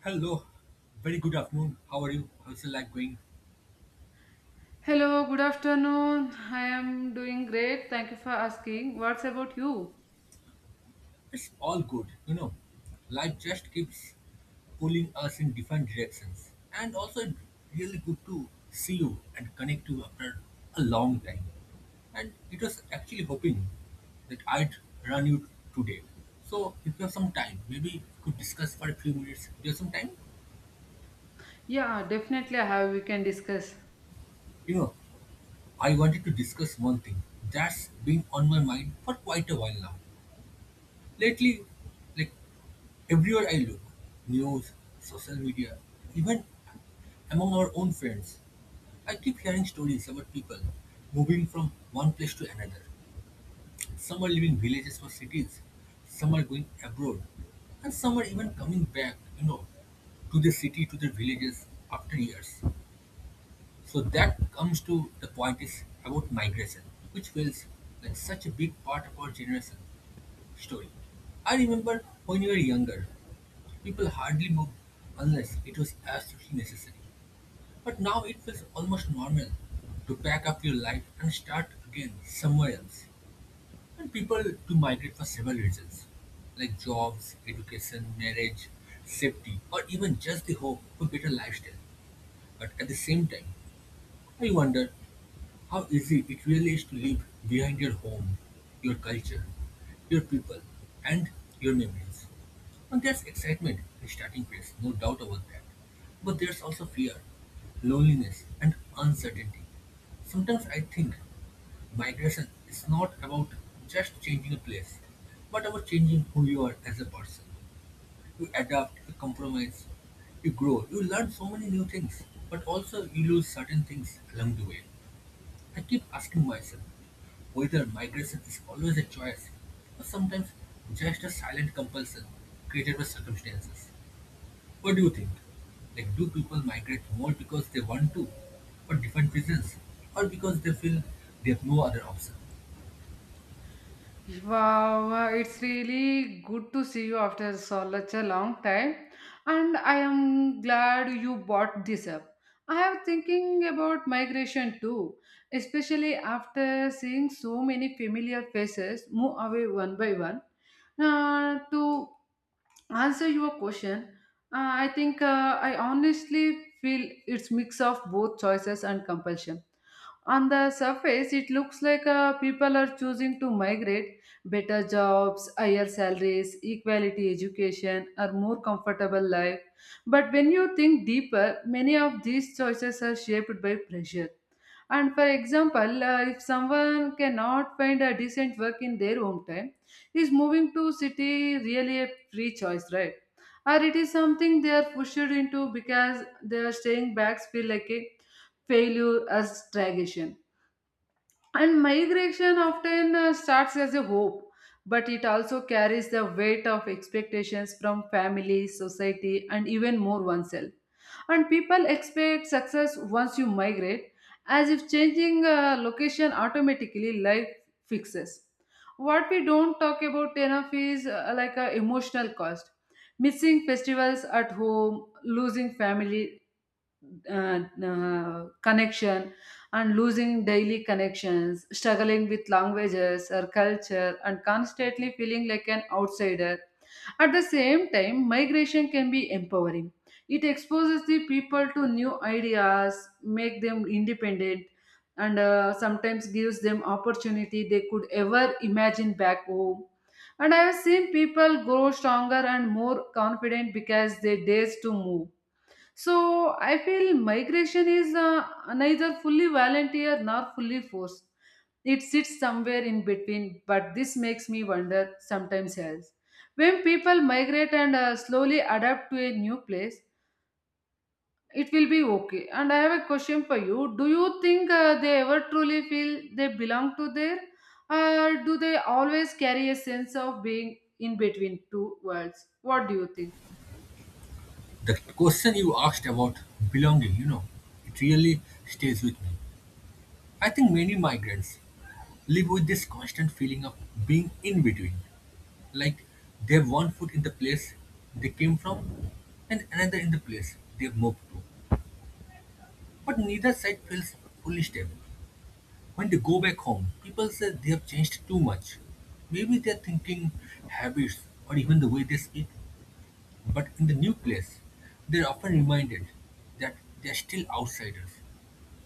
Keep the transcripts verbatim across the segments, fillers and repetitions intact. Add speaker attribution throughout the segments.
Speaker 1: Hello, very good afternoon. How are you? How's your life going?
Speaker 2: Hello, good afternoon. I am doing great. Thank you for asking. What's about you?
Speaker 1: It's all good, you know. Life just keeps pulling us in different directions, and also it's really good to see you and connect you after a long time. And it was actually hoping that I'd run you today. So if you have some time, maybe we could discuss for a few minutes. Do you have some time?
Speaker 2: Yeah, definitely I have. We can discuss.
Speaker 1: You know, I wanted to discuss one thing that's been on my mind for quite a while now. Lately, like everywhere I look, news, social media, even among our own friends, I keep hearing stories about people moving from one place to another. Some are leaving villages for cities, some are going abroad, and some are even coming back, you know, to the city, to their villages after years. So that comes to the point is about migration, which feels like such a big part of our generation story. I remember when we were younger, people hardly moved unless it was absolutely necessary. But now it feels almost normal to pack up your life and start again somewhere else. And people do migrate for several reasons, like jobs, education, marriage, safety, or even just the hope of a better lifestyle. But at the same time, I wonder how easy it really is to leave behind your home, your culture, your people, and your memories. And there's excitement in starting place, no doubt about that. But there's also fear, loneliness, and uncertainty. Sometimes I think migration is not about just changing a place, but about changing who you are as a person. You adapt, you compromise, you grow, you learn so many new things, but also you lose certain things along the way. I keep asking myself whether migration is always a choice or sometimes just a silent compulsion created by circumstances. What do you think? Like, do people migrate more because they want to, for different reasons, or because they feel they have no other option?
Speaker 2: Wow, uh, it's really good to see you after such a long time, and I am glad you brought this up. I am thinking about migration too, especially after seeing so many familiar faces move away one by one. Uh, to answer your question, uh, I think uh, I honestly feel it's mix of both choices and compulsion on the surface it looks like uh, people are choosing to migrate better jobs, higher salaries, equality education, or more comfortable life. But when you think deeper, many of these choices are shaped by pressure. And for example, uh, if someone cannot find a decent work in their hometown, is moving to city really a free choice, right? Or it is something they are pushed into because their staying backs feel like a failure or stagnation. And migration often uh, starts as a hope, but it also carries the weight of expectations from family, society, and even more oneself. And people expect success once you migrate, as if changing uh, location automatically life fixes. What we don't talk about enough is uh, like a emotional cost. Missing festivals at home, losing family uh, uh, connection and losing daily connections, struggling with languages or culture, and constantly feeling like an outsider. At the same time, migration can be empowering. It exposes the people to new ideas, make them independent, and uh, sometimes gives them opportunity they could ever imagine back home. And I have seen people grow stronger and more confident because they dare to move, so I feel migration is uh, neither fully volunteer nor fully forced. It sits somewhere in between, but this makes me wonder sometimes else. When people migrate and uh, slowly adapt to a new place, it will be okay. And I have a question for you. Do you think uh, they ever truly feel they belong to there? Or do they always carry a sense of being in between two worlds? What do you think?
Speaker 1: The question you asked about belonging, you know, it really stays with me. I think many migrants live with this constant feeling of being in between. Like they've one foot in the place they came from and another in the place they've moved to. But neither side feels fully stable. When they go back home, people say they have changed too much. Maybe they're thinking habits or even the way they speak. But in the new place, they're often reminded that they're still outsiders,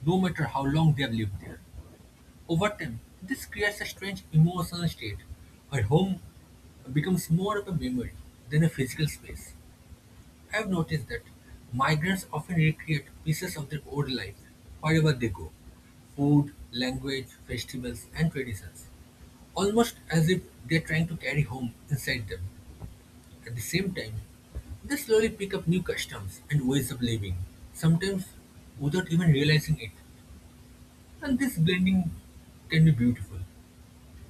Speaker 1: no matter how long they've lived there. Over time, this creates a strange emotional state where home becomes more of a memory than a physical space. I've noticed that migrants often recreate pieces of their old life wherever they go food, language, festivals, and traditions, almost as if they're trying to carry home inside them. At the same time, they slowly pick up new customs and ways of living, sometimes without even realizing it. And this blending can be beautiful,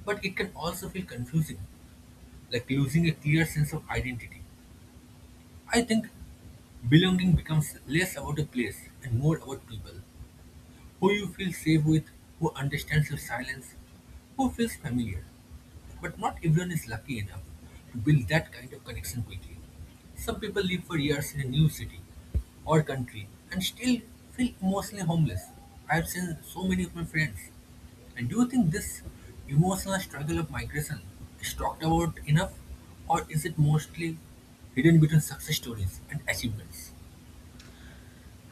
Speaker 1: but it can also feel confusing, like losing a clear sense of identity. I think belonging becomes less about a place and more about people who you feel safe with, who understands your silence, who feels familiar. But not everyone is lucky enough to build that kind of connection quickly. Some people live for years in a new city or country and still feel emotionally homeless. I have seen so many of my friends. And do you think this emotional struggle of migration is talked about enough, or is it mostly hidden between success stories and achievements?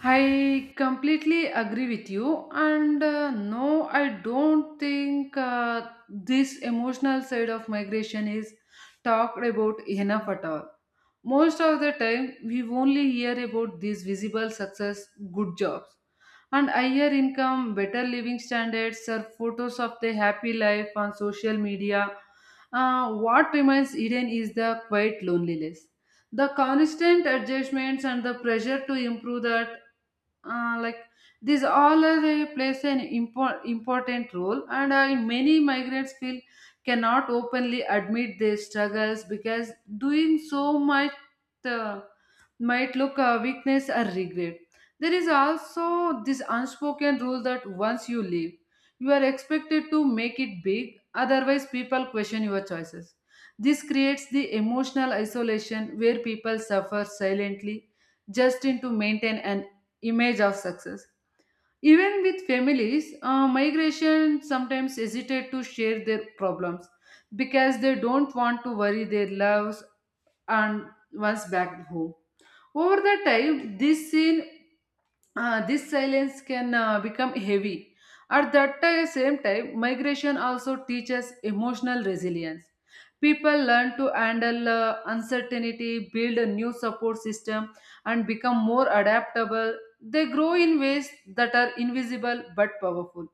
Speaker 2: I completely agree with you, and uh, no, I don't think uh, this emotional side of migration is talked about enough at all. Most of the time, we only hear about these visible success, good jobs, and higher income, better living standards, or photos of the happy life on social media. Uh, what remains hidden is the quiet loneliness, the constant adjustments, and the pressure to improve that uh, like these all are, uh, plays an impor- important role and uh, many migrants feel cannot openly admit their struggles because doing so much uh, might look a weakness or regret. There is also this unspoken rule that once you leave, you are expected to make it big, otherwise, people question your choices. This creates the emotional isolation where people suffer silently just in to maintain an image of success. Even with families, uh, migration sometimes hesitate to share their problems because they don't want to worry their loves and once back home. Over the time, this scene, uh, this silence can uh, become heavy. At that ti- same time, migration also teaches emotional resilience. People learn to handle uh, uncertainty, build a new support system, and become more adaptable. They grow in ways that are invisible but powerful.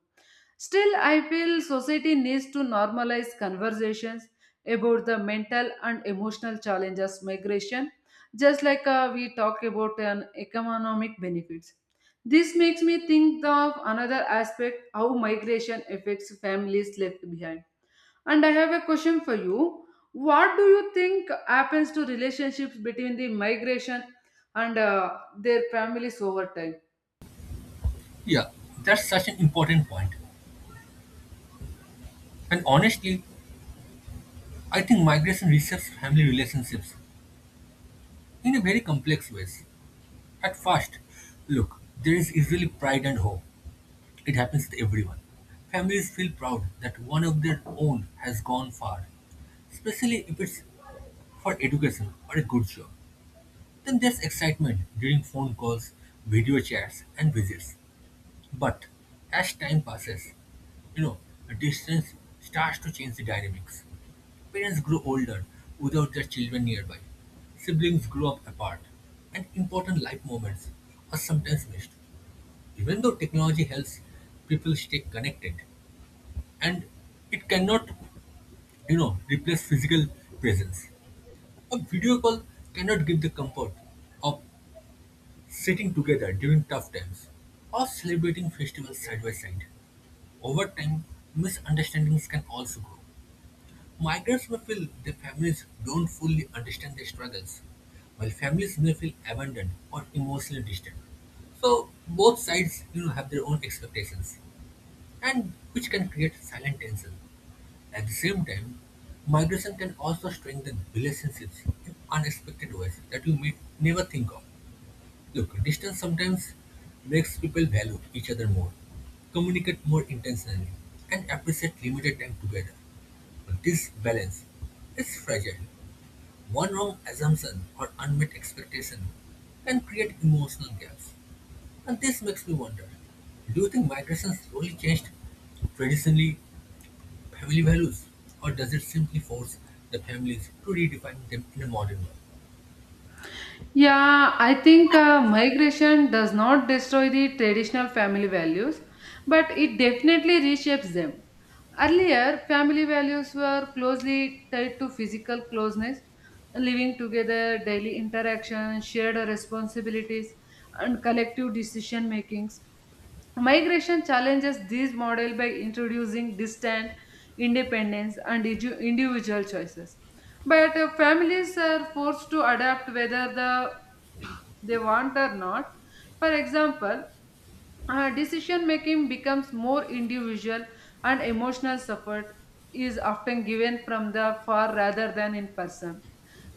Speaker 2: Still, I feel society needs to normalize conversations about the mental and emotional challenges migration, just like uh, we talk about an economic benefits. This makes me think of another aspect how migration affects families left behind. And I have a question for you. What do you think happens to relationships between the migration and uh, their families over time?
Speaker 1: Yeah, that's such an important point. And honestly, I think migration reshapes family relationships in a very complex ways. At first, look, there is usually pride and hope. It happens to everyone. Families feel proud that one of their own has gone far, especially if it's for education or a good job. Then there's excitement during phone calls, video chats, and visits. But as time passes, you know, distance starts to change the dynamics. Parents grow older without their children nearby. Siblings grow up apart, and important life moments are sometimes missed. Even though technology helps people stay connected, and it cannot, you know, replace physical presence. A video call cannot give the comfort of sitting together during tough times or celebrating festivals side by side. Over time, misunderstandings can also grow. Migrants may feel their families don't fully understand their struggles, while families may feel abandoned or emotionally distant. So both sides, you know, have their own expectations, and which can create silent tension. At the same time, migration can also strengthen relationships in unexpected ways that you may never think of. Look, distance sometimes makes people value each other more, communicate more intentionally, and appreciate limited time together. But this balance is fragile. One wrong assumption or unmet expectation can create emotional gaps. And this makes me wonder, do you think migration slowly changed traditionally family values, or does it simply force the families to redefine them in a modern world?
Speaker 2: Yeah, I think uh, migration does not destroy the traditional family values, but it definitely reshapes them. Earlier, family values were closely tied to physical closeness, living together, daily interaction, shared responsibilities, and collective decision makings. Migration challenges this model by introducing distant independence and edu- individual choices. But uh, families are forced to adapt whether the they want or not. For example, uh, decision making becomes more individual and emotional support is often given from the far rather than in person.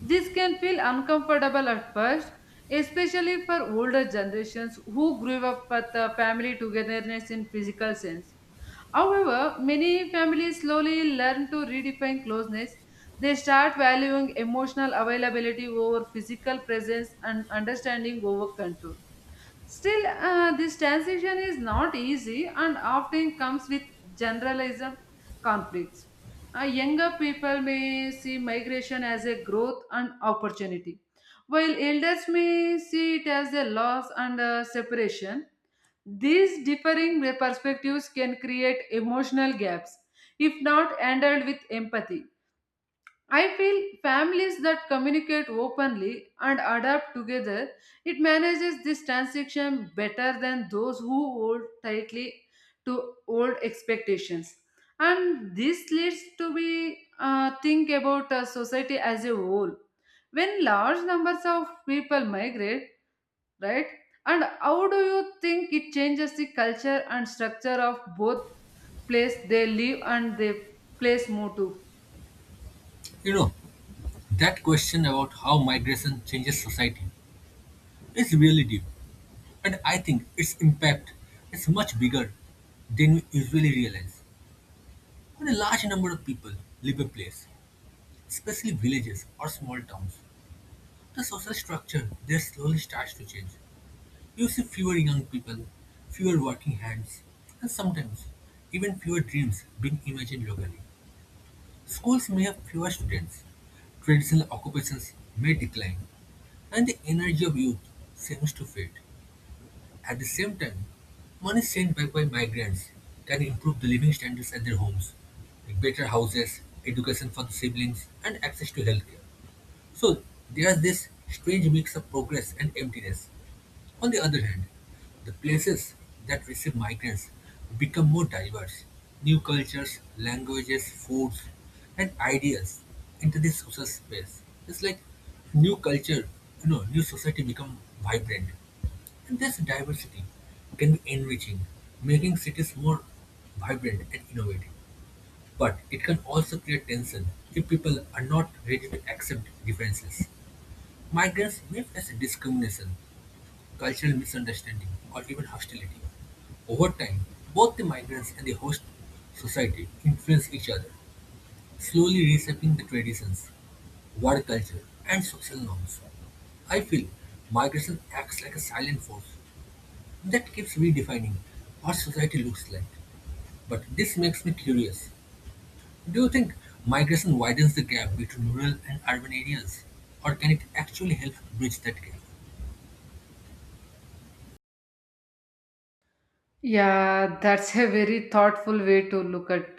Speaker 2: This can feel uncomfortable at first, especially for older generations who grew up with the family togetherness in physical sense. However, many families slowly learn to redefine closeness. They start valuing emotional availability over physical presence and understanding over control. Still, uh, this transition is not easy and often comes with generalized conflicts. Uh, younger people may see migration as a growth and opportunity, while elders may see it as a loss and a separation. These differing perspectives can create emotional gaps if not handled with empathy. I feel families that communicate openly and adapt together, it manages this transition better than those who hold tightly to old expectations. And this leads to be uh, think about uh, society as a whole. When large numbers of people migrate, right? And how do you think it changes the culture and structure of both place they live and the place move to?
Speaker 1: You know, that question about how migration changes society is really deep, and I think its impact is much bigger than we usually realize. When a large number of people leave a place, especially villages or small towns, the social structure there slowly starts to change. You see fewer young people, fewer working hands, and sometimes even fewer dreams being imagined locally. Schools may have fewer students, traditional occupations may decline, and the energy of youth seems to fade. At the same time, money sent back by migrants can improve the living standards at their homes, like better houses, education for the siblings, and access to healthcare. So there is this strange mix of progress and emptiness. On the other hand, the places that receive migrants become more diverse. New cultures, languages, foods, and ideas enter the social space. It's like new culture, you know, new society become vibrant. And this diversity can be enriching, making cities more vibrant and innovative. But it can also create tension if people are not ready to accept differences. Migrants may face discrimination cultural misunderstanding, or even hostility. Over time, both the migrants and the host society influence each other, slowly reshaping the traditions, work culture, and social norms. I feel migration acts like a silent force that keeps redefining what society looks like. But this makes me curious. Do you think migration widens the gap between rural and urban areas? Or can it actually help bridge that gap?
Speaker 2: Yeah, that's a very thoughtful way to look at.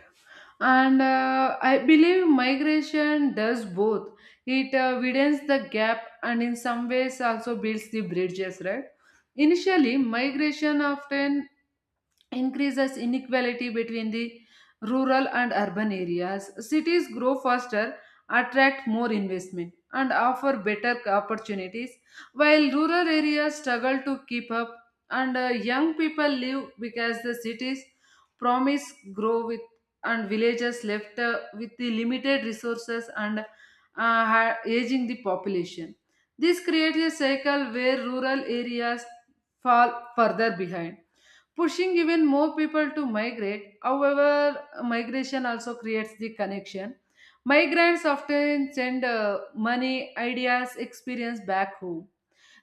Speaker 2: And uh, I believe migration does both. It uh, widens the gap and in some ways also builds the bridges, right? Initially, migration often increases inequality between the rural and urban areas. Cities grow faster, attract more investment, and offer better opportunities, while rural areas struggle to keep up, and uh, young people leave because the cities promise grow with and villages left uh, with the limited resources and uh, ha- aging the population. This creates a cycle where rural areas fall further behind pushing even more people to migrate. However, migration also creates the connection. Migrants often send uh, money, ideas, experience back home.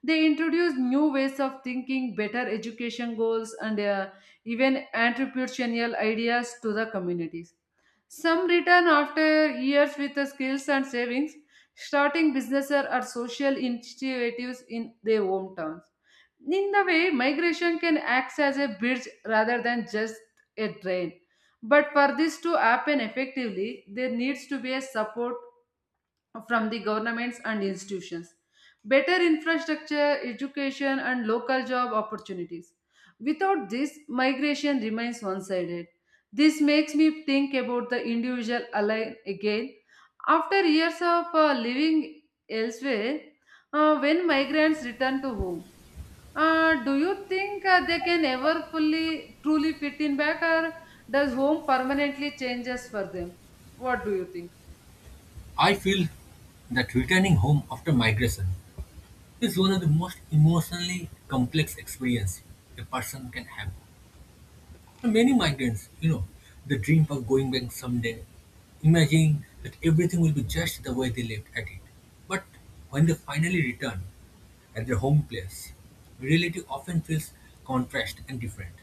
Speaker 2: They introduce new ways of thinking, better education goals, and uh, even entrepreneurial ideas to the communities. Some return after years with the skills and savings, starting businesses or social initiatives in their hometowns in the way migration can act as a bridge rather than just a drain, but for this to happen effectively there needs to be a support from the governments and institutions, better infrastructure education and local job opportunities. Without this migration remains one sided. This makes me think about the individual ally again after years of uh, living elsewhere. Uh, when migrants return to home, uh, do you think uh, they can ever fully, truly fit in back, or does home permanently changes for them? What do you think?
Speaker 1: I feel that returning home after migration it is one of the most emotionally complex experience a person can have. And many migrants, you know, they dream of going back someday, imagining that everything will be just the way they left at it. But when they finally return at their home place, reality often feels contrast and different.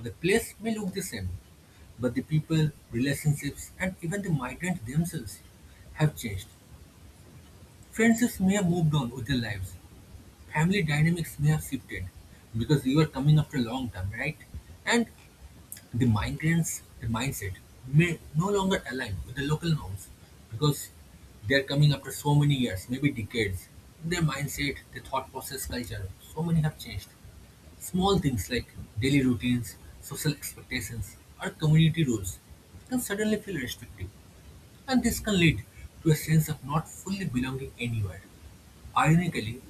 Speaker 1: The place may look the same, but the people, relationships, and even the migrants themselves have changed. Friendships may have moved on with their lives, family dynamics may have shifted because you are coming after a long time, right? And the migrants, the mindset may no longer align with the local norms because they are coming after so many years, maybe decades. Their mindset, their thought process, culture, so many have changed. Small things like daily routines, social expectations, or community rules can suddenly feel restrictive, and this can lead to a sense of not fully belonging anywhere. Ironically,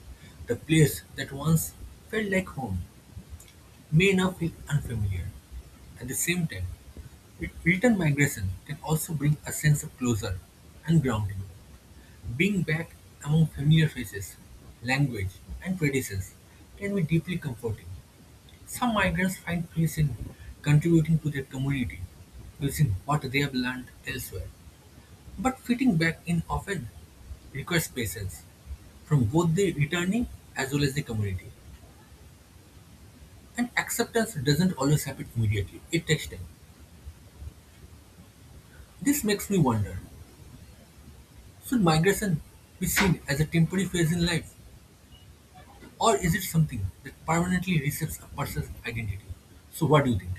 Speaker 1: the place that once felt like home may now feel unfamiliar. At the same time, re- return migration can also bring a sense of closure and grounding. Being back among familiar faces, language, and traditions can be deeply comforting. Some migrants find peace in contributing to their community using what they have learned elsewhere. But fitting back in often requires patience from both the returning as well as the community. And acceptance doesn't always happen immediately, it takes time. This makes me wonder, should migration be seen as a temporary phase in life, or is it something that permanently reshapes a person's identity? So, what do you think?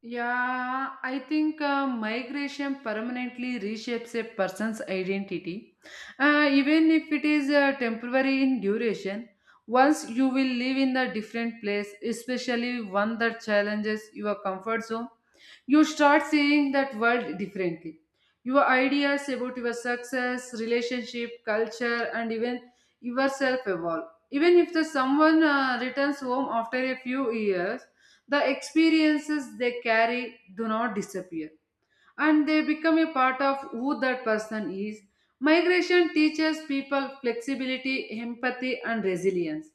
Speaker 2: Yeah, I think uh, migration permanently reshapes a person's identity, uh, even if it is uh, temporary in duration. Once you will live in a different place, especially one that challenges your comfort zone, you start seeing that world differently. Your ideas about your success, relationship, culture, and even yourself evolve. Even if the someone uh, returns home after a few years, the experiences they carry do not disappear and they become a part of who that person is. Migration teaches people flexibility, empathy, and resilience.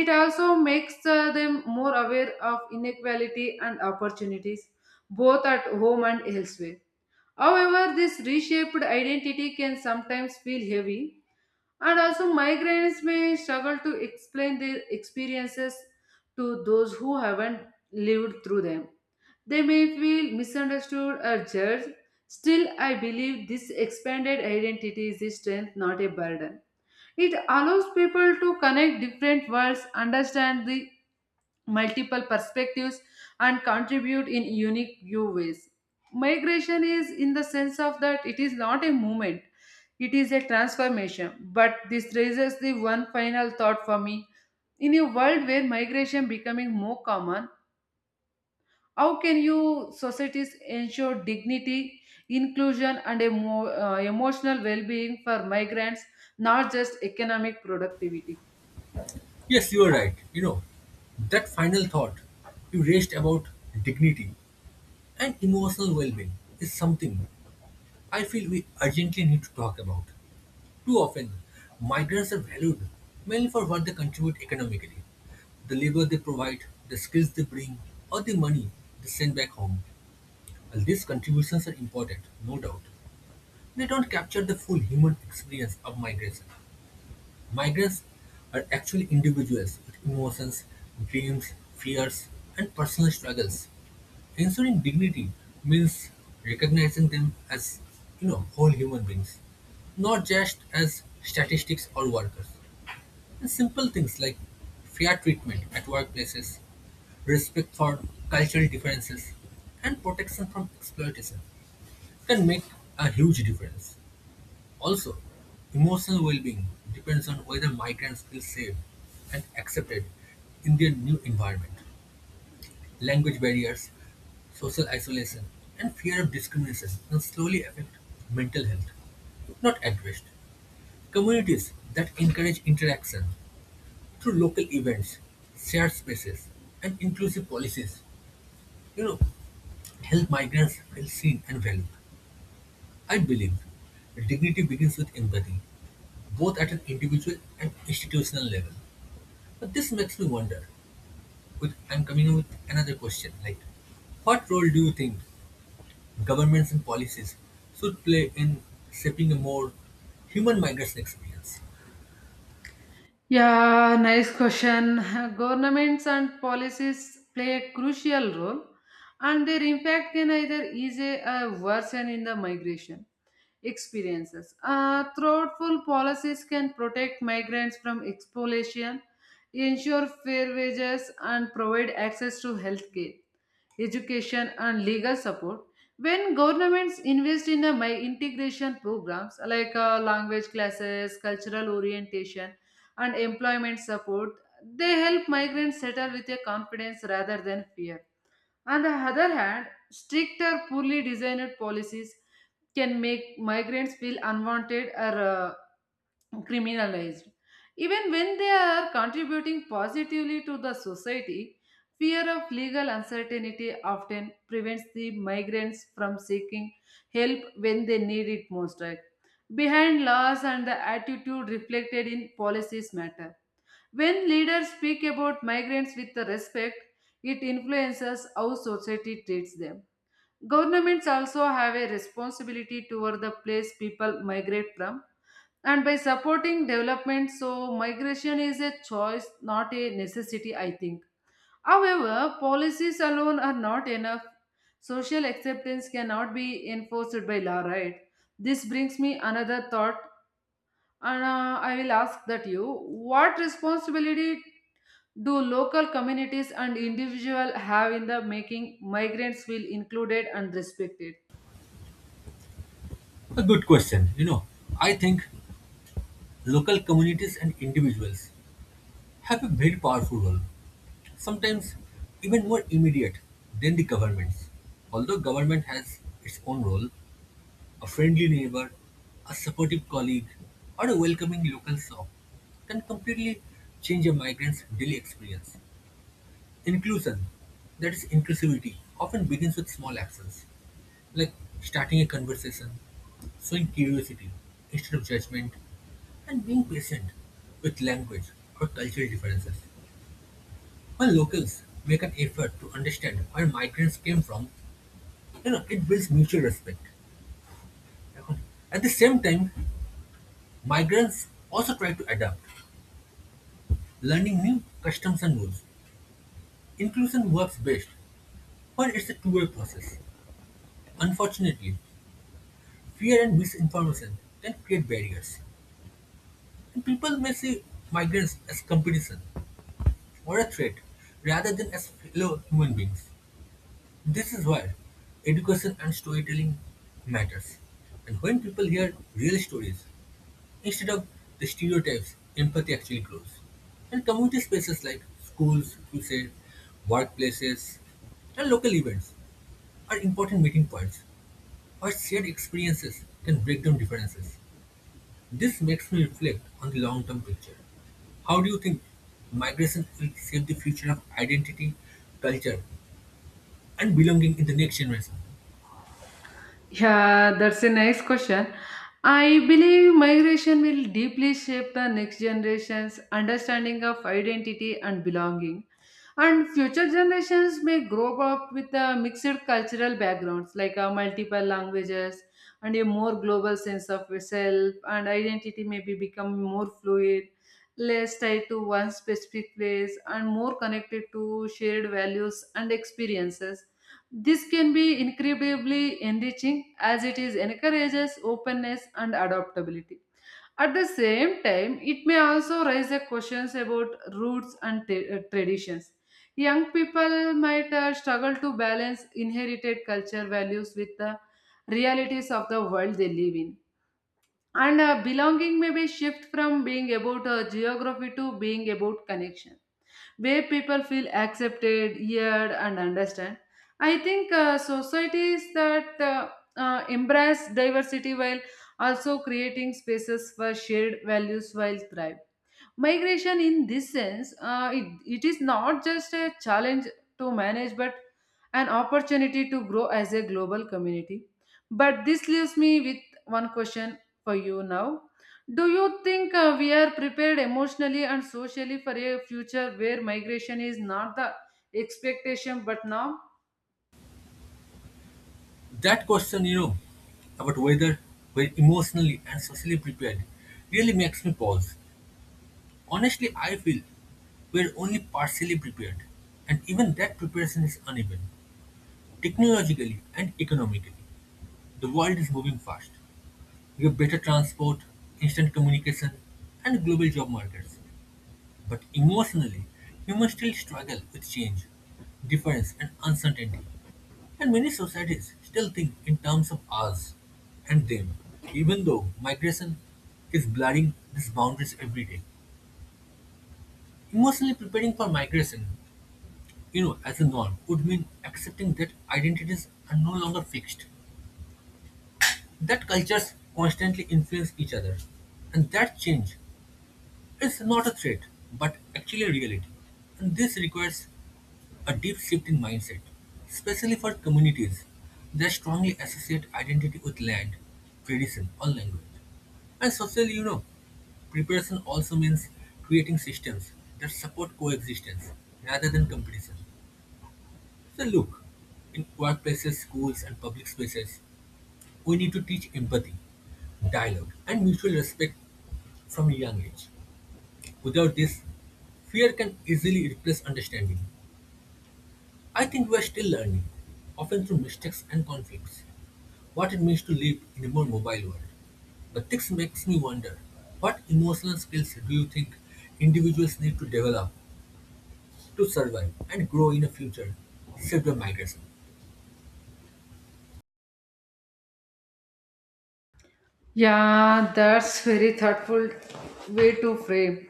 Speaker 2: It also makes uh, them more aware of inequality and opportunities, both at home and elsewhere. However, this reshaped identity can sometimes feel heavy, and also migrants may struggle to explain their experiences to those who haven't lived through them. They may feel misunderstood or judged. Still, I believe this expanded identity is a strength, not a burden. It allows people to connect different worlds, understand the multiple perspectives and contribute in unique new ways. Migration is in the sense of that it is not a movement, it is a transformation. But this raises the one final thought for me. In a world where migration becoming more common, how can you societies ensure dignity, inclusion, and a more uh, emotional well-being for migrants, not just economic productivity?
Speaker 1: Yes, you are right. You know, that final thought you raised about dignity and emotional well being is something I feel we urgently need to talk about. Too often, migrants are valued mainly for what they contribute economically the labor they provide, the skills they bring, or the money they send back home. While these contributions are important, no doubt, they don't capture the full human experience of migration. Migrants are actually individuals with emotions, dreams, fears, and personal struggles. Ensuring dignity means recognizing them as, you know, whole human beings, not just as statistics or workers. And simple things like fair treatment at workplaces, respect for cultural differences, and protection from exploitation can make a huge difference. Also, emotional well being depends on whether migrants feel safe and accepted in their new environment. Language barriers, social isolation, and fear of discrimination can slowly affect mental health if not addressed. Communities that encourage interaction through local events, shared spaces, and inclusive policies, you know, help migrants feel seen and valued. I believe dignity begins with empathy, both at an individual and institutional level. But this makes me wonder, with, I'm coming with another question, like, what role do you think governments and policies should play in shaping a more human migration experience?
Speaker 2: Yeah, nice question. Governments and policies play a crucial role, and their impact can either ease or worsen in the migration experiences. Uh, thoughtful policies can protect migrants from exploitation, ensure fair wages, and provide access to healthcare, education, and legal support. When governments invest in the mi- integration programs like uh, language classes, cultural orientation, and employment support, they help migrants settle with a confidence rather than fear. On the other hand, stricter, poorly designed policies can make migrants feel unwanted or uh, criminalized. Even when they are contributing positively to the society, fear of legal uncertainty often prevents the migrants from seeking help when they need it most. Right? Behind laws and the attitude reflected in policies matter. When leaders speak about migrants with the respect, it influences how society treats them. Governments also have a responsibility toward the place people migrate from and by supporting development so migration is a choice not a necessity I think. However, policies alone are not enough. Social acceptance cannot be enforced by law, right? This brings me another thought and uh, I will ask that you what responsibility do local communities and individuals have in the making migrants feel included and respected?
Speaker 1: A good question. You know, I think local communities and individuals have a very powerful role. Sometimes even more immediate than the government's. Although government has its own role, a friendly neighbor, a supportive colleague, or a welcoming local shop can completely change a migrant's daily experience. Inclusion, that is inclusivity, often begins with small actions, like starting a conversation, showing curiosity instead of judgment, and being patient with language or cultural differences. When locals make an effort to understand where migrants came from, you know, it builds mutual respect. এখন, at the same time, migrants also try to adapt, learning new customs and rules. Inclusion works best when it's a two-way process. Unfortunately, fear and misinformation can create barriers, and people may see migrants as competition or a threat rather than as fellow human beings. This is where education and storytelling matters. And when people hear real stories instead of the stereotypes, empathy actually grows. And community spaces like schools, you say, workplaces, and local events are important meeting points where shared experiences can break down differences. This makes me reflect on the long-term picture. How do you think migration will shape the future of identity, culture, and belonging in the next generation?
Speaker 2: Yeah, that's a nice question. I believe migration will deeply shape the next generation's understanding of identity and belonging. And future generations may grow up with a mixed cultural backgrounds like uh, multiple languages and a more global sense of self and identity may be become more fluid, less tied to one specific place and more connected to shared values and experiences. This can be incredibly enriching as it is encourages openness and adaptability. At the same time, it may also raise the questions about roots and t- uh, traditions. Young people might uh, struggle to balance inherited culture values with the realities of the world they live in. And uh, belonging may be shift from being about uh, geography to being about connection where people feel accepted, heard, and understand. I think uh, societies that uh, uh, embrace diversity while also creating spaces for shared values while thrive. Migration, in this sense, uh, it, it is not just a challenge to manage, but an opportunity to grow as a global community. But this leaves me with one question for you now. Do you think uh, we are prepared emotionally and socially for a future where migration is not the expectation but norm?
Speaker 1: That question, you know, about whether we're emotionally and socially prepared really makes me pause. Honestly, I feel we're only partially prepared, and even that preparation is uneven. Technologically and economically, the world is moving fast. We have better transport, instant communication, and global job markets. But emotionally, humans still struggle with change, difference, and uncertainty. And many societies still think in terms of us and them, even though migration is blurring these boundaries every day. Emotionally preparing for migration, you know, as a norm, would mean accepting that identities are no longer fixed, that cultures constantly influence each other, and that change is not a threat, but actually a reality. And this requires a deep shift in mindset, especially for communities that strongly associate identity with land, tradition, or language. And socially, you know, preparation also means creating systems that support coexistence rather than competition. So, look, in workplaces, schools, and public spaces, we need to teach empathy, dialogue, and mutual respect from a young age. Without this, fear can easily replace understanding. I think we are still learning, often through mistakes and conflicts, what it means to live in a more mobile world. But this makes me wonder what emotional skills do you think individuals need to develop to survive and grow in a future saved by migration?
Speaker 2: Yeah, that's very thoughtful way to frame.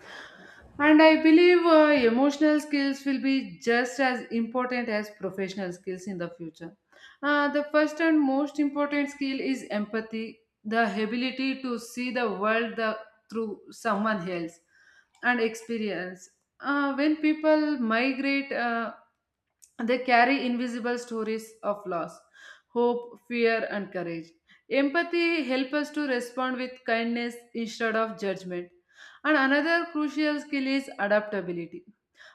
Speaker 2: And I believe uh, emotional skills will be just as important as professional skills in the future. Uh, the first and most important skill is empathy, the ability to see the world the, through someone else and experience. Uh, when people migrate, uh, they carry invisible stories of loss, hope, fear, and courage. Empathy helps us to respond with kindness instead of judgment. And another crucial skill is adaptability.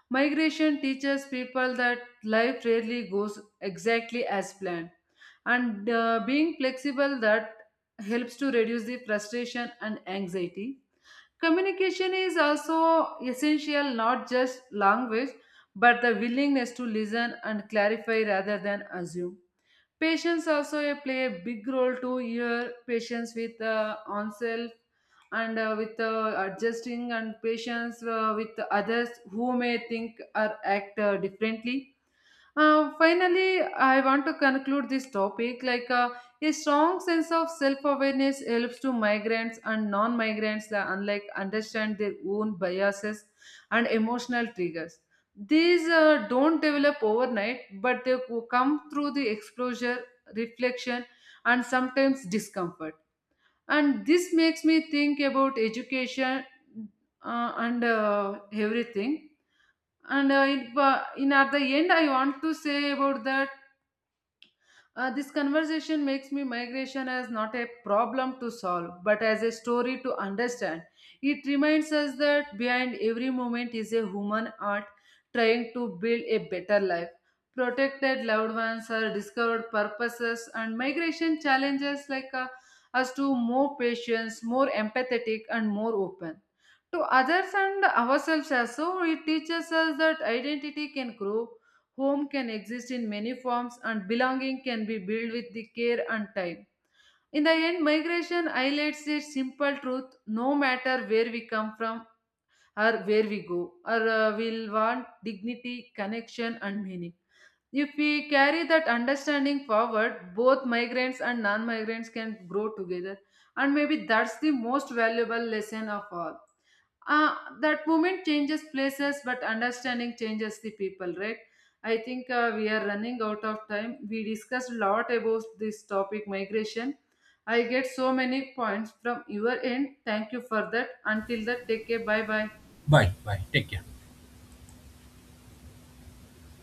Speaker 2: Migration teaches people that life rarely goes exactly as planned. And uh, being flexible that helps to reduce the frustration and anxiety. Communication is also essential, not just language, but the willingness to listen and clarify rather than assume. Patience also play a big role to your patience with uh, oneself and uh, with uh, adjusting and patience uh, with others who may think or act uh, differently. Uh, finally, I want to conclude this topic. Like uh, a strong sense of self-awareness helps to migrants and non-migrants, uh, unlike understand their own biases and emotional triggers. These uh, don't develop overnight, but they co- come through the exposure, reflection, and sometimes discomfort. And this makes me think about education uh, and uh, everything and uh, it, wa- in at the end, I want to say about that uh, this conversation makes me migration as not a problem to solve, but as a story to understand. It reminds us that behind every moment is a human art trying to build a better life. Protected loved ones are discovered purposes, and migration challenges like uh, us to more patience, more empathetic, and more open to others and ourselves as so it teaches us that identity can grow, home can exist in many forms, and belonging can be built with the care and time. In the end, migration highlights a simple truth: no matter where we come from or where we go, or uh, we'll want dignity, connection, and meaning. If we carry that understanding forward, both migrants and non-migrants can grow together, and maybe that's the most valuable lesson of all. Uh, that moment changes places but understanding changes the people, right? I think uh, we are running out of time. We discussed a lot about this topic, migration. I get so many points from your end. Thank you for that. Until that, take care. Bye bye.
Speaker 1: Bye, bye, take care.